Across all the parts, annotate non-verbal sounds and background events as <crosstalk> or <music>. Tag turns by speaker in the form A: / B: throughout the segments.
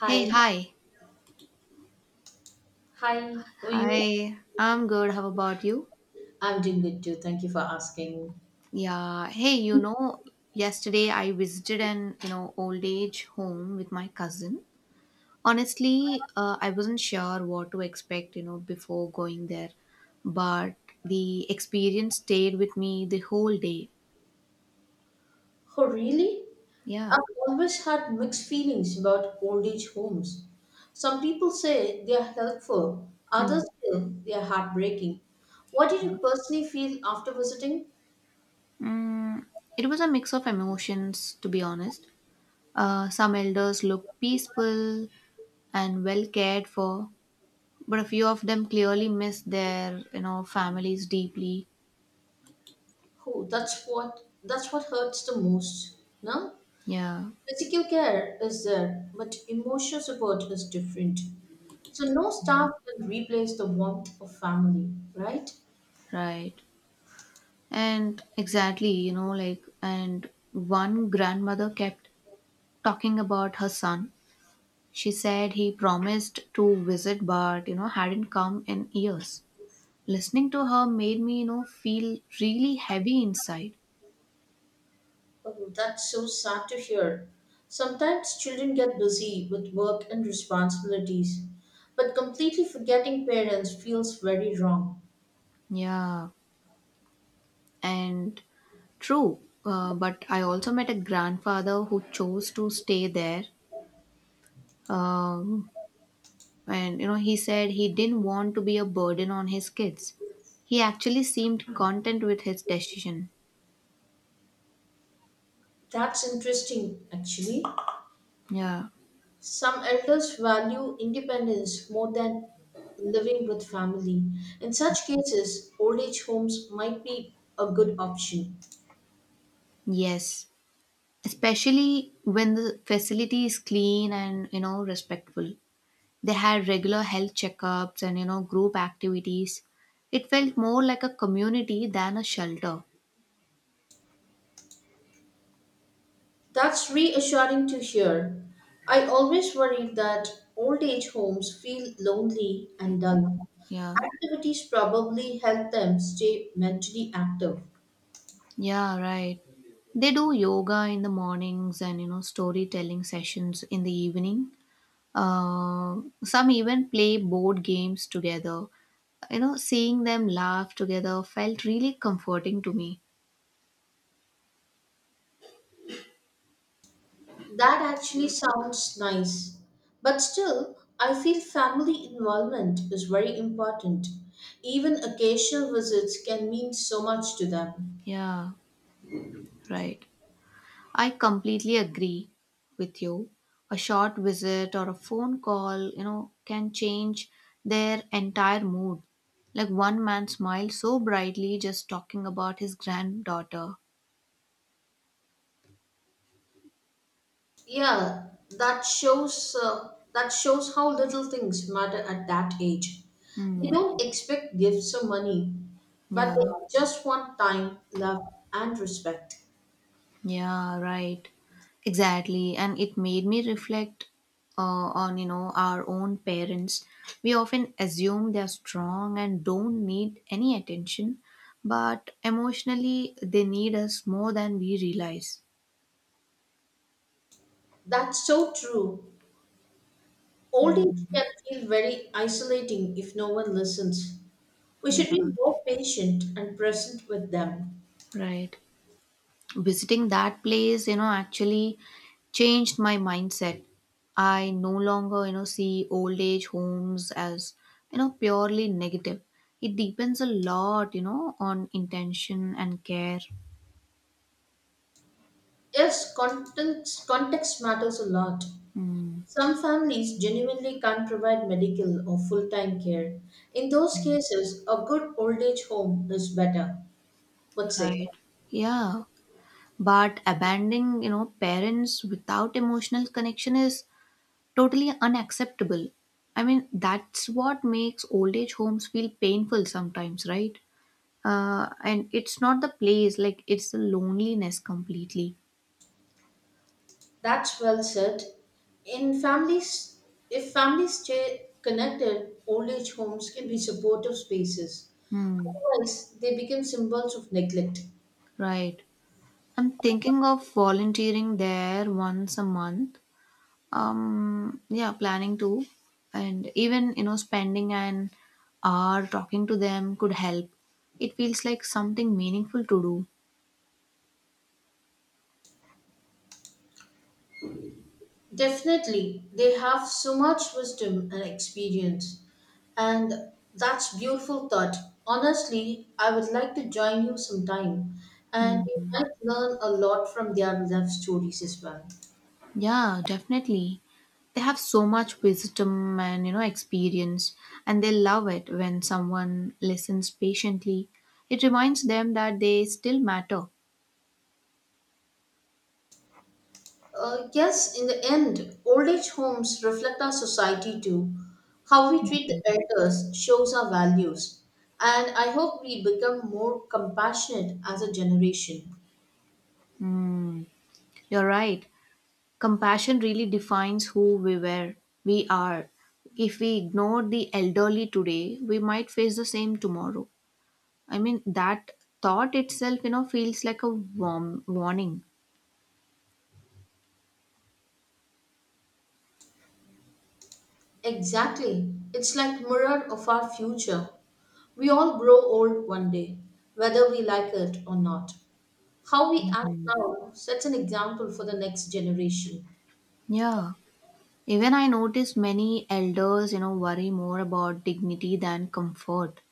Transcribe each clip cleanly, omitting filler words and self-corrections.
A: Hi.
B: Hey, hi.
A: Hi. How are you?
B: Hi, I'm good. How about you?
A: I'm doing good too. Thank you for asking.
B: Yeah. Hey, yesterday I visited an old age home with my cousin. Honestly, I wasn't sure what to expect, before going there, but the experience stayed with me the whole day.
A: Oh, really?
B: Yeah.
A: I've always had mixed feelings about old age homes. Some people say they are helpful,
B: Hmm.
A: others feel they are heartbreaking. What did you personally feel after visiting?
B: Mm, it was a mix of emotions, to be honest. Some elders looked peaceful and well cared for, but a few of them clearly miss their families deeply.
A: Oh, that's what hurts the most. No?
B: Yeah.
A: Physical care is there, but emotional support is different. So no staff can replace the warmth of family, right?
B: Right. And exactly, you know like and one grandmother kept talking about her son. She said he promised to visit, but hadn't come in years. Listening to her made me feel really heavy inside.
A: Oh, that's so sad to hear. Sometimes children get busy with work and responsibilities, but completely forgetting parents feels very wrong.
B: Yeah. And true. But I also met a grandfather who chose to stay there. Um, and you know he said he didn't want to be a burden on his kids. He actually seemed content with his decision.
A: That's interesting, actually.
B: Yeah.
A: Some elders value independence more than living with family. In such cases, old age homes might be a good option.
B: Yes, especially when the facility is clean and, respectful. They had regular health checkups and, group activities. It felt more like a community than a shelter.
A: That's reassuring to hear. I always worried that old age homes feel lonely and dull.
B: Yeah.
A: Activities probably help them stay mentally active.
B: Yeah, right. They do yoga in the mornings, and, storytelling sessions in the evening. Some even play board games together. Seeing them laugh together felt really comforting to me.
A: That actually sounds nice. But still, I feel family involvement is very important. Even occasional visits can mean so much to them.
B: Yeah, right. I completely agree with you. A short visit or a phone call, can change their entire mood. Like, one man smiled so brightly just talking about his granddaughter.
A: Yeah, that shows how little things matter at that age. They
B: Hmm.
A: don't expect gifts or money, but
B: Yeah.
A: they just want time, love, and respect.
B: Yeah, right. Exactly. And it made me reflect on, our own parents. We often assume they're strong and don't need any attention, but emotionally, they need us more than we realize.
A: That's so true. Old age
B: Mhm.
A: can feel very isolating if no one listens. We
B: Yeah,
A: should be more patient and present with them.
B: right. Visiting that place, actually changed my mindset. I no longer, see old age homes as, purely negative. It depends a lot, on intention and care.
A: Yes, context matters a lot.
B: Mm.
A: Some families genuinely can't provide medical or full time care. In those cases, a good old age home is better, would say.
B: Right. Yeah. But abandoning, parents without emotional connection is totally unacceptable. I mean, that's what makes old age homes feel painful sometimes, right? And it's not the place, like, it's the loneliness completely.
A: That's well said. In families, if families stay connected, old age homes can be supportive spaces.
B: Hmm.
A: Otherwise, they become symbols of neglect.
B: Right. I'm thinking of volunteering there once a month. Yeah, planning to. And even, spending an hour talking to them could help. It feels like something meaningful to do.
A: Definitely, they have so much wisdom and experience, and that's beautiful thought. Honestly, I would like to join you sometime, and
B: Hmm.
A: we might learn a lot from their life stories as well.
B: Yeah, definitely. They have so much wisdom and, experience, and they love it when someone listens patiently. It reminds them that they still matter.
A: Yes, in the end, old age homes reflect our society too. How we treat the elders shows our values, and I hope we become more compassionate as a generation.
B: Hmm, you're right. Compassion really defines who we were, we are. If we ignore the elderly today, we might face the same tomorrow. I mean, that thought itself, feels like a warm warning.
A: Exactly. It's like mirror of our future. We all grow old one day, whether we like it or not. How we act now sets an example for the next generation.
B: Yeah. Even I notice many elders, worry more about dignity than comfort.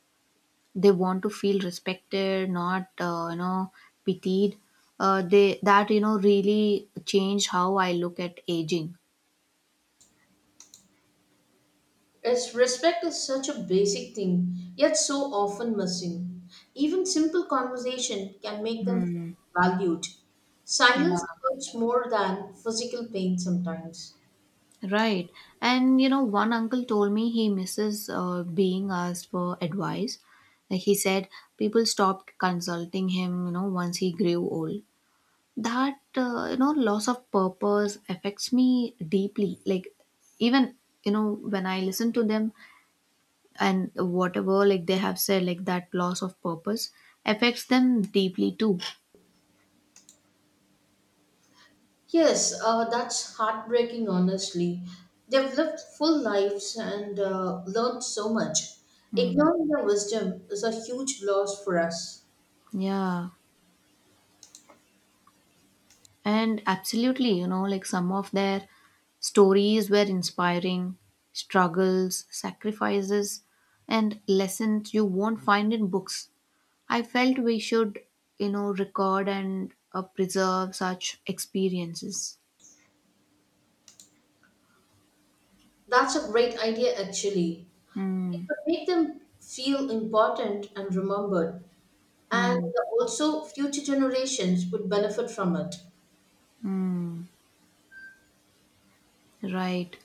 B: They want to feel respected, not, pitied. They that you know really changed how I look at aging.
A: As respect is such a basic thing, yet so often missing. Even simple conversation can make them feel
B: Hmm.
A: valued.
B: Yeah,
A: Silence hurts more than physical pain sometimes.
B: right. And, one uncle told me he misses, being asked for advice. Like, he said, people stopped consulting him, once he grew old. That loss of purpose affects me deeply. Like, even, when I listen to them and whatever, like, they have said, like, that loss of purpose affects them deeply too.
A: Yes, that's heartbreaking, honestly. They've lived full lives and learned so much. Ignoring their wisdom is a huge loss for us.
B: Yeah. And absolutely, some of their stories were inspiring: struggles, sacrifices, and lessons you won't find in books. I felt we should, record and, preserve such experiences.
A: That's a great idea, actually. It
B: Mm,
A: would make them feel important and remembered, and
B: mm,
A: also future generations would benefit from it.
B: mm. Right.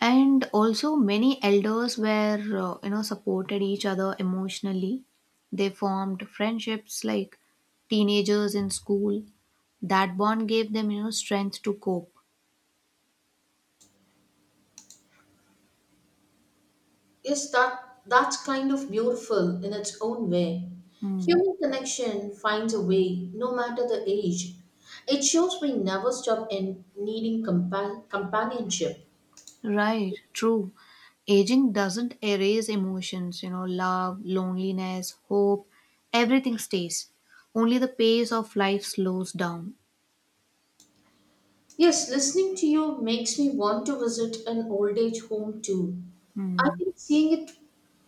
B: And also, many elders were, supported each other emotionally. They formed friendships like teenagers in school. That bond gave them, strength to cope.
A: Yes, that's kind of beautiful in its own way.
B: Mm,
A: Human connection finds a way, no matter the age. It shows we never stop in needing companionship.
B: right. True. Aging doesn't erase emotions, love, loneliness, hope, everything stays. Only the pace of life slows down.
A: Yes, listening to you makes me want to visit an old age home too. I
B: Hmm.
A: think seeing it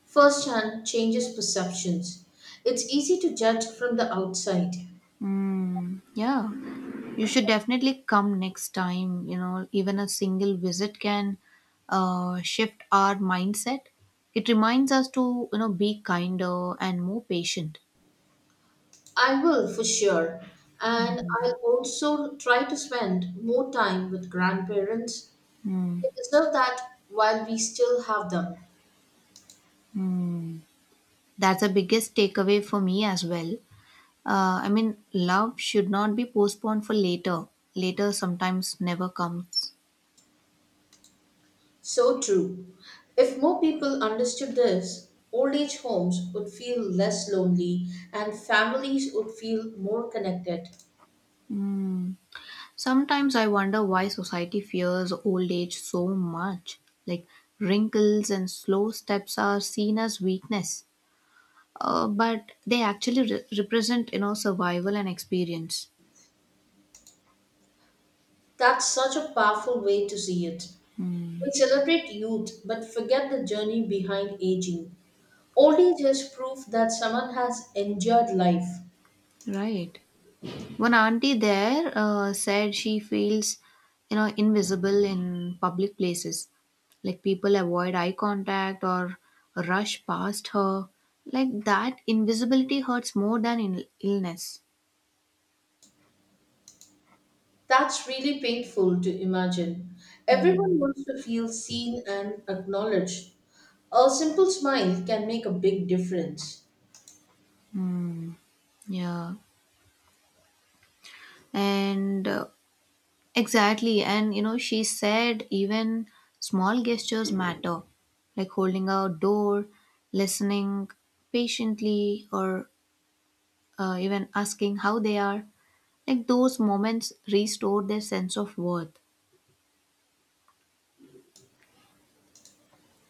A: firsthand changes perceptions. It's easy to judge from the outside.
B: Mm, yeah, you should definitely come next time. Even a single visit can, shift our mindset. It reminds us to, be kinder and more patient.
A: I will for sure. And I'll also try to spend more time with grandparents.
B: Mm,
A: They deserve that while we still have them.
B: mm. That's the biggest takeaway for me as well. I mean, love should not be postponed for later. Later sometimes never comes.
A: So true. If more people understood this, old age homes would feel less lonely and families would feel more connected.
B: Mm. Sometimes I wonder why society fears old age so much. Like, wrinkles and slow steps are seen as weakness, but they actually represent, survival and experience.
A: That's such a powerful way to see it. We celebrate youth but forget the journey behind aging. Old age is proof that someone has endured life.
B: Right. One auntie there, said she feels, invisible in public places. Like, people avoid eye contact or rush past her. Like, that invisibility hurts more than illness.
A: That's really painful to imagine. Everyone
B: Mm.
A: wants to feel seen and acknowledged. A simple smile can make a big difference.
B: Mm. Yeah. And exactly, and you know, she said even small gestures matter, like holding a door, listening patiently, or, even asking how they are. Like, those moments restore their sense of worth.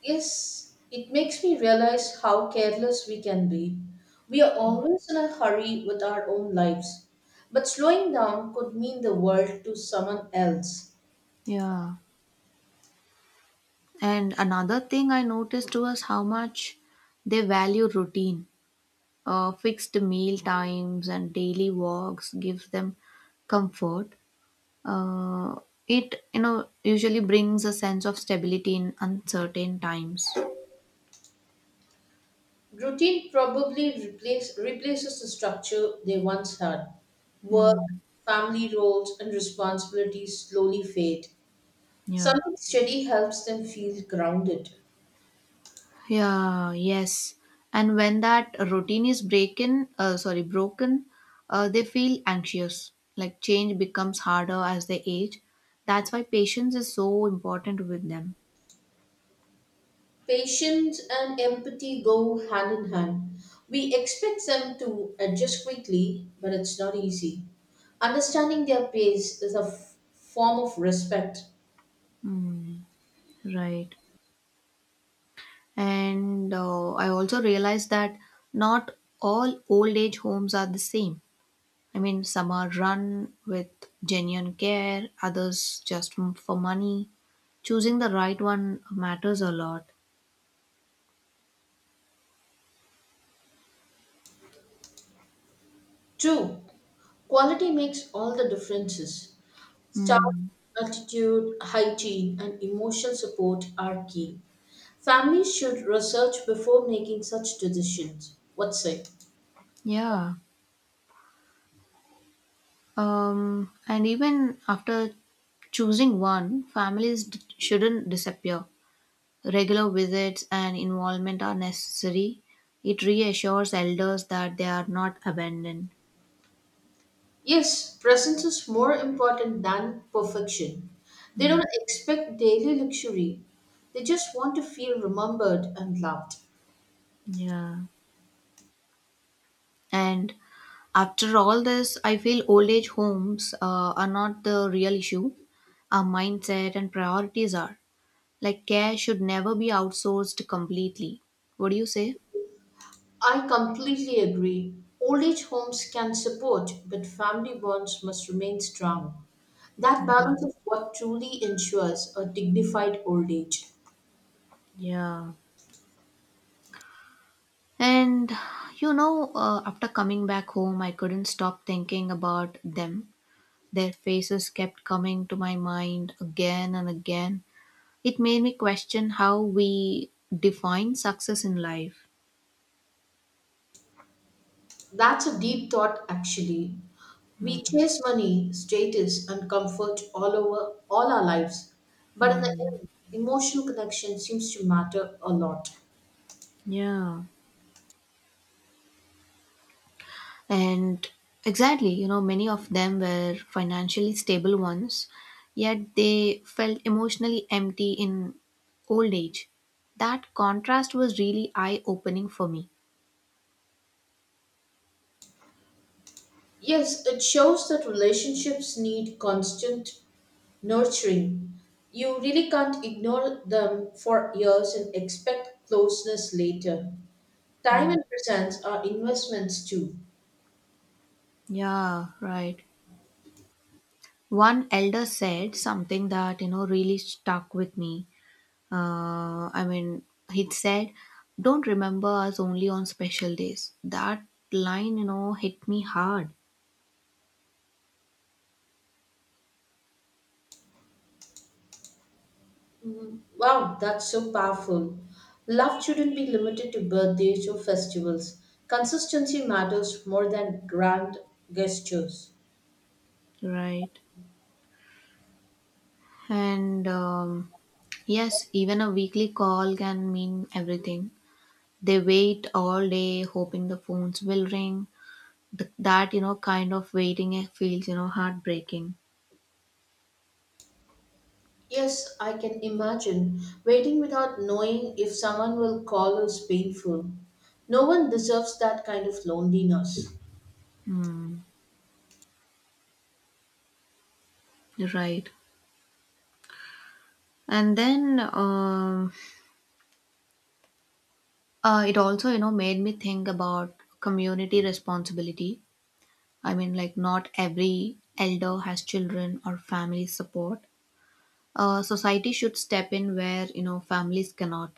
A: Yes, it makes me realize how careless we can be. We are always in a hurry with our own lives, but slowing down could mean the world to someone else.
B: Yeah. And another thing I noticed was how much they value routine. Fixed meal times and daily walks gives them comfort. Uh, it usually brings a sense of stability in uncertain times.
A: Routine probably replaces the structure they once had. Work,
B: Mm,
A: family roles, and responsibilities slowly fade.
B: yeah.
A: Something steady helps them feel grounded.
B: Yeah, yes. And when that routine is breaking, broken, they feel anxious. Like, change becomes harder as they age. That's why patience is so important with them.
A: Patience and empathy go hand in hand. We expect them to adjust quickly, but it's not easy. Understanding their pace is a form of respect.
B: Mm, right. And, I also realized that not all old age homes are the same. I mean, some are run with genuine care, others just for money. Choosing the right one matters a lot.
A: Two, quality makes all the differences. Staff
B: Mm,
A: attitude, hygiene, and emotional support are key. Families should research before making such decisions. What say?
B: yeah. And even after choosing one, families shouldn't disappear. Regular visits and involvement are necessary. It reassures elders that they are not abandoned.
A: Yes, presence is more important than perfection. They don't expect daily luxury. They just want to feel remembered and loved.
B: Yeah. And after all this, I feel old age homes, are not the real issue. Our mindset and priorities are. Like, care should never be outsourced completely. What do you say?
A: I completely agree. Old age homes can support, but family bonds must remain strong. That
B: Yeah.
A: balance is what truly ensures a dignified old age.
B: Yeah. And, after coming back home, I couldn't stop thinking about them. Their faces kept coming to my mind again and again. It made me question how we define success in life.
A: That's a deep thought, actually. We chase money, status, and comfort all our lives, but in the
B: Mm.
A: end, emotional connection seems to matter a lot.
B: Yeah. And exactly, many of them were financially stable ones, yet they felt emotionally empty in old age. That contrast was really eye opening for me.
A: Yes, it shows that relationships need constant nurturing. You really can't ignore them for years and expect closeness later.
B: Yeah.
A: Time and presence are investments too.
B: Yeah, right. One elder said something that, really stuck with me. I mean, he said, "Don't remember us only on special days." That line, hit me hard.
A: Mhm. Wow, that's so powerful. Love shouldn't be limited to birthdays or festivals. Consistency matters more than grand gestures.
B: Right. And Yes, even a weekly call can mean everything. They wait all day hoping the phones will ring. That, kind of waiting feels, heartbreaking.
A: Yes, I can imagine. Waiting without knowing if someone will call is painful. No one deserves that kind of loneliness.
B: Right. And then It also, made me think about community responsibility. I mean, like, not every elder has children or family support. Society should step in where, families cannot.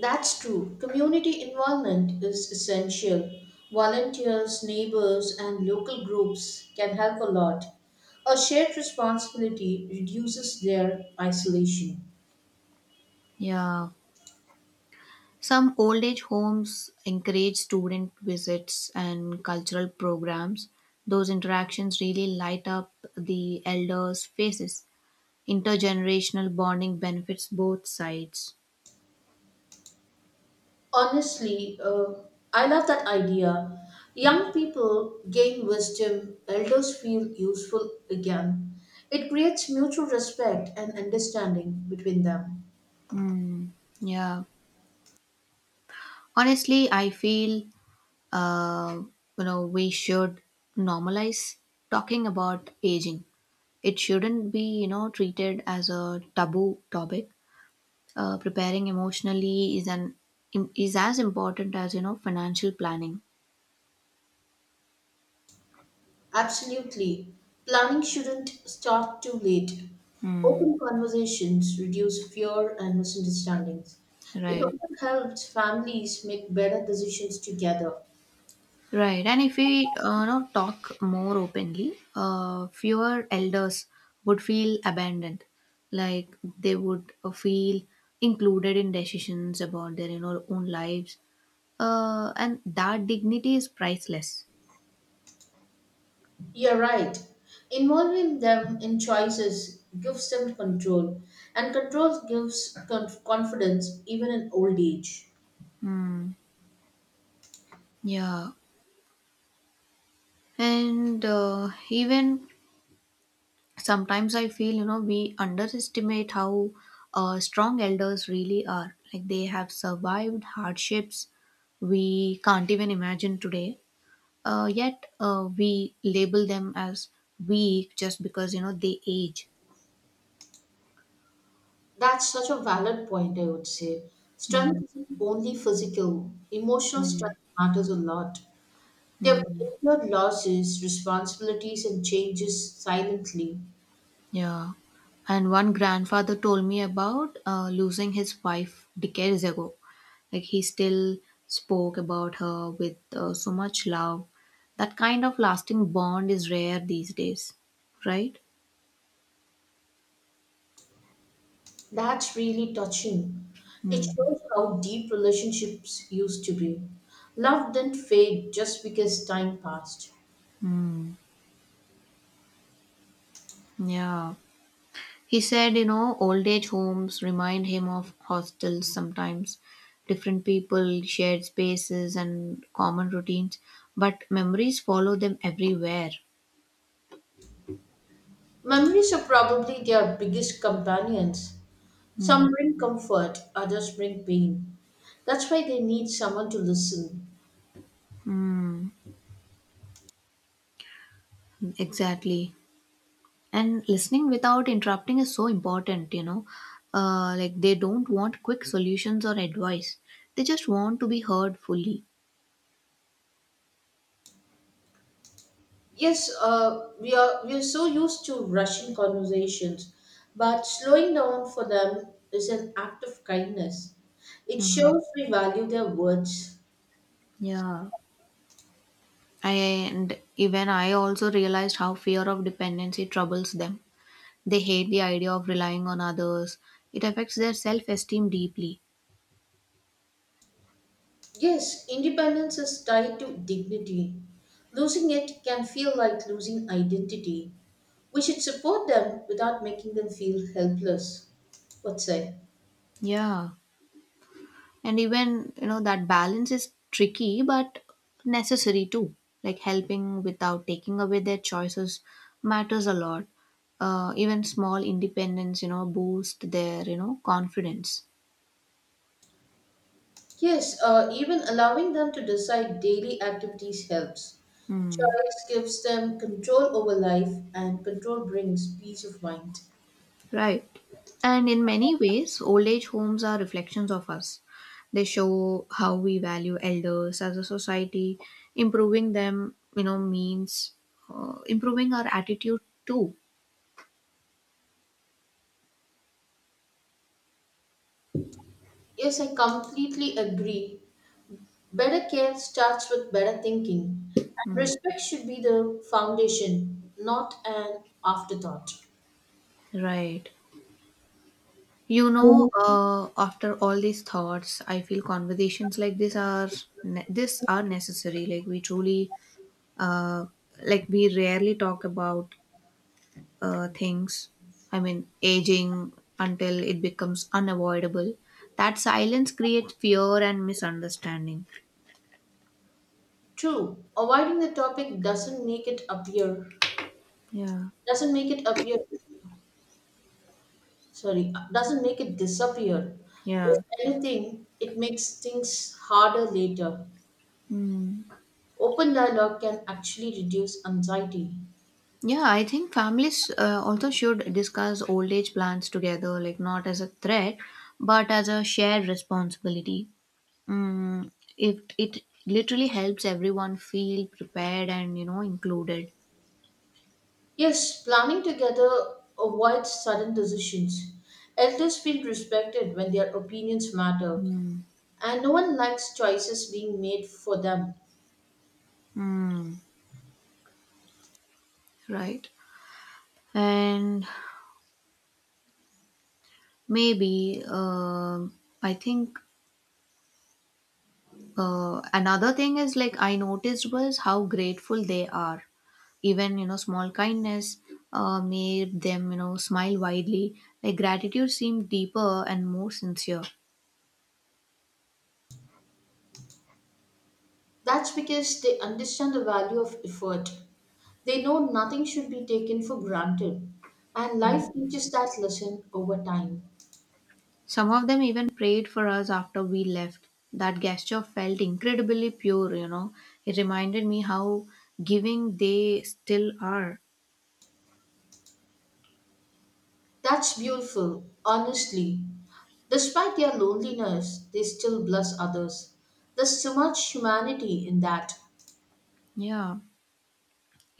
A: That's true. Community involvement is essential. Volunteers, neighbors, and local groups can help a lot. A shared responsibility reduces their isolation.
B: Yeah. Some old age homes encourage student visits and cultural programs. Those interactions really light up the elders' faces. Intergenerational bonding benefits both sides.
A: Honestly, I love that idea. Young people gain wisdom, elders feel useful again. It creates mutual respect and understanding between them.
B: Mm, yeah. Honestly, I feel, uh, we should normalize talking about aging. It shouldn't be, treated as a taboo topic. Preparing emotionally is as important as, financial planning.
A: Absolutely. Planning shouldn't start too late.
B: Hmm.
A: Open conversations reduce fear and misunderstandings. It
B: Right.
A: also helps families make better decisions together.
B: right and if we, know talk more openly, fewer elders would feel abandoned. Like, they would, feel included in decisions about their, own lives, and that dignity is priceless.
A: You're right. Involving them in choices gives them control, and control gives confidence even in old age.
B: Hmm. Yeah. and Even sometimes I feel, we underestimate how, strong elders really are. Like, they have survived hardships we can't even imagine today, yet we label them as weak just because, they age.
A: That's such a valid point, I would say. Strength
B: mm,
A: isn't only physical, emotional
B: mm,
A: strength matters a lot. They've
B: mm.
A: endured losses, responsibilities, and changes silently.
B: Yeah. And one grandfather told me about, losing his wife decades ago. Like, he still spoke about her with, so much love. That kind of lasting bond is rare these days, right?
A: That's really touching. It
B: Mm.
A: shows how deep relationships used to be. Love didn't fade just because time passed.
B: Hmm. Yeah. He said, old age homes remind him of hostels sometimes. Different people, shared spaces, and common routines. But memories follow them everywhere.
A: Memories are probably their biggest companions. Some bring comfort, others bring pain. That's why they need someone to listen.
B: Mm. Exactly. And listening without interrupting is so important, Like, they don't want quick solutions or advice. They just want to be heard fully.
A: Yes, we are so used to rushing conversations, but slowing down for them is an act of kindness. It
B: Mm,
A: shows we value their words.
B: yeah. And even I also realized how fear of dependency troubles them. They hate the idea of relying on others. It affects their self-esteem deeply.
A: Yes, independence is tied to dignity. Losing it can feel like losing identity. We should support them without making them feel helpless. What say?
B: Yeah. And even, that balance is tricky but necessary too. Like, helping without taking away their choices matters a lot. Even small independence, boost their, confidence.
A: Yes, even allowing them to decide daily activities helps.
B: Hmm.
A: Choice gives them control over life, and control brings peace of mind.
B: Right. And in many ways, old age homes are reflections of us. They show how we value elders as a society. Improving them, means, improving our attitude too.
A: Yes, I completely agree. Better care starts with better thinking, and
B: Hmm.
A: respect should be the foundation, not an afterthought.
B: Right. After all these thoughts, I feel conversations like this are necessary. Like, we truly, uh, we rarely talk about, things. I mean, aging, until it becomes unavoidable. That silence creates fear and misunderstanding.
A: True, avoiding the topic doesn't make it appear
B: Yeah,
A: doesn't make it appear sorry doesn't make it disappear. If
B: yeah.
A: anything, it makes things harder later.
B: Mm.
A: Open dialogue can actually reduce anxiety.
B: Yeah, I think families also should discuss old age plans together, like not as a threat, but as a shared responsibility. Mm, it literally helps everyone feel prepared and included.
A: Yes, planning together avoids sudden decisions. Elders feel respected when their opinions matter,
B: Mm,
A: and no one likes choices being made for them.
B: mm, right. And maybe I think another thing is like I noticed was how grateful they are. Even small kindness made them smile widely. Like gratitude seemed deeper and more sincere.
A: That's because they understand the value of effort. They know nothing should be taken for granted, and life teaches that lesson over time.
B: Some of them even prayed for us after we left. That gesture felt incredibly pure. It reminded me how giving they still are.
A: That's beautiful, honestly. Despite their loneliness, they still bless others. There's so much humanity in that.
B: Yeah,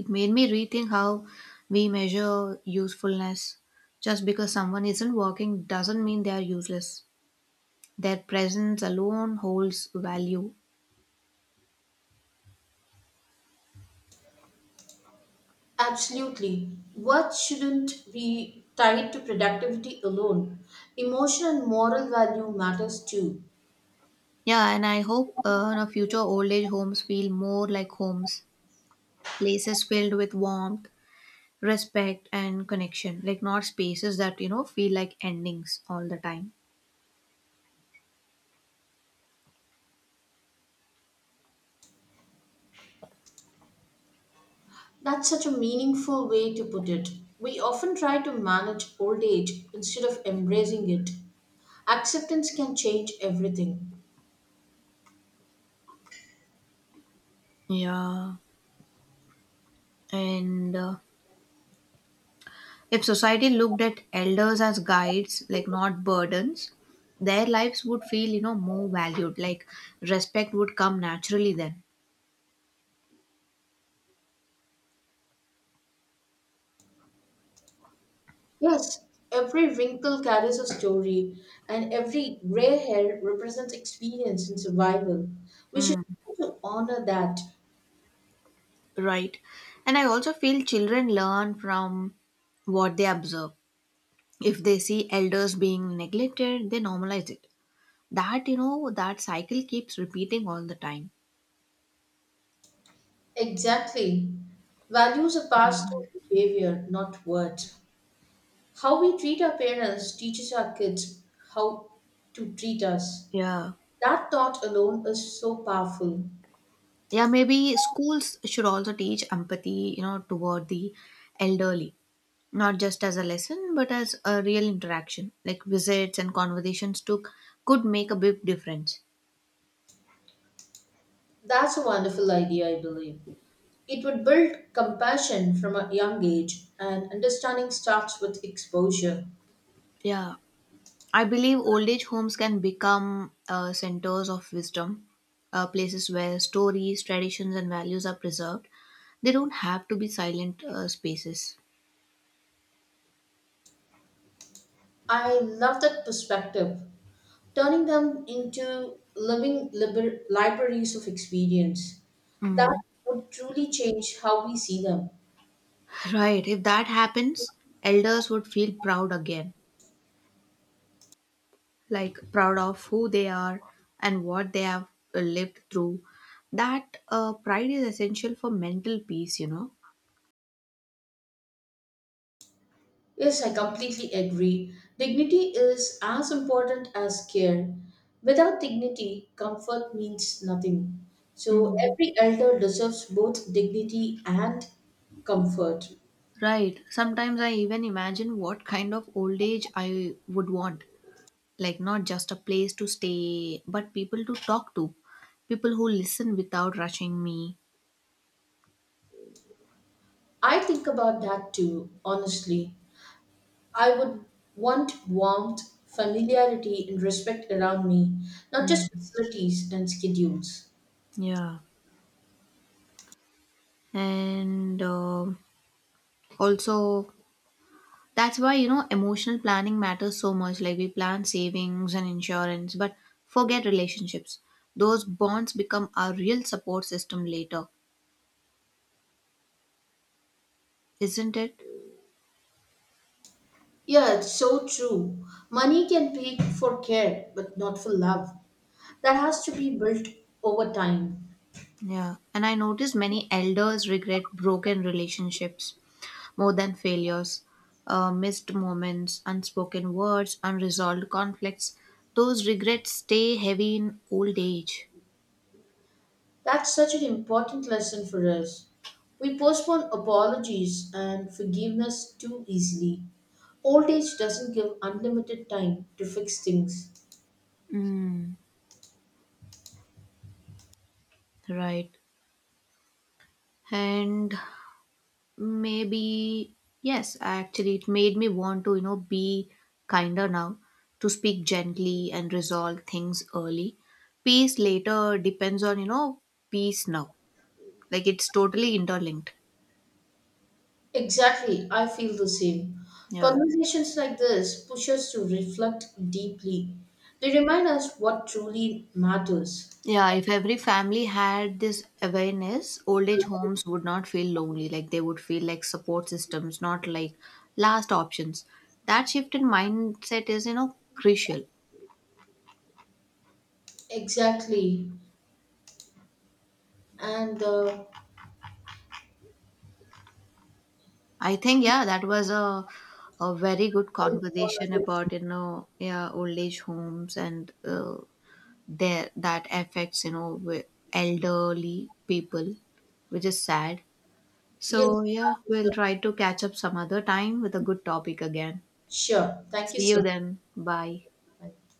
B: it made me rethink how we measure usefulness. Just because someone isn't working doesn't mean they are useless. Their presence alone holds value.
A: Absolutely. Work shouldn't be tied to productivity alone? Emotional and moral value matters too.
B: Yeah, and I hope in a future old age homes feel more like homes, places filled with warmth, respect and connection, like not spaces that feel like endings all the time.
A: That's such a meaningful way to put it. We often try to manage old age instead of embracing it. Acceptance can change everything.
B: Yeah, and if society looked at elders as guides, like not burdens, their lives would feel more valued, like respect would come naturally then.
A: Yes, every wrinkle carries a story, and every gray hair represents experience and survival. We should
B: Mm,
A: try to honor that.
B: right. And I also feel children learn from what they observe. If they see elders being neglected they normalize it. That that cycle keeps repeating all the time.
A: Exactly. Values are passed through behavior, not words. How we treat our parents teaches our kids how to treat us.
B: Yeah.
A: That thought alone is so powerful.
B: Yeah, maybe schools should also teach empathy, you know, toward the elderly, not just as a lesson, but as a real interaction. Like visits and conversations took could make a big difference.
A: That's a wonderful idea, I believe. It would build compassion from a young age, and understanding starts with exposure.
B: Yeah, I believe old age homes can become centers of wisdom, places where stories, traditions, and values are preserved. They don't have to be silent spaces.
A: I love that perspective, turning them into living libraries of experience. That
B: Mm.
A: would truly change how we see them.
B: <laughs> Right, if that happens, elders would feel proud again. Like proud of who they are and what they have lived through. That pride is essential for mental peace.
A: Yes, I completely agree. Dignity is as important as care. Without dignity, comfort means nothing. So
B: Mhm.
A: every elder deserves both dignity and comfort.
B: Right, sometimes I even imagine what kind of old age I would want. Like not just a place to stay but people to talk to, people who listen without rushing me.
A: I think about that too, honestly. I would want warmth, familiarity, and respect around me, not just
B: Mhm.
A: facilities and schedules.
B: Yeah, and also that's why, you know, emotional planning matters so much. Like we plan savings and insurance, but forget relationships. Those bonds become our real support system later, isn't it?
A: Yeah, it's so true. Money can pay for care, but not for love. That has to be built over time.
B: Yeah. And I notice many elders regret broken relationships more than failures, missed moments, unspoken words, unresolved conflicts. Those regrets stay heavy in old age.
A: That's such an important lesson for us. We postpone apologies and forgiveness too easily. Old age doesn't give unlimited time to fix things.
B: Mm, right. And maybe yes actually it made me want to be kinder now, to speak gently and resolve things early. Peace later depends on peace now. Like it's totally interlinked.
A: Exactly, I feel the same.
B: Yeah.
A: Conversations like this push us to reflect deeply. They remind us what truly matters.
B: Yeah, if every family had this awareness old age homes would not feel lonely, like they would feel like support systems, not like last options. That shift in mindset is crucial.
A: Exactly, and
B: I think, yeah, that was a very good conversation
A: conversation.
B: about yeah, old age homes, and their that affects wi- elderly people, which is sad.
A: Yes,
B: So yeah,
A: that
B: we'll
A: is a-
B: try to catch up some other time with a good topic again.
A: sure. Thank you
B: See you
A: so
B: then. Bye.
A: much.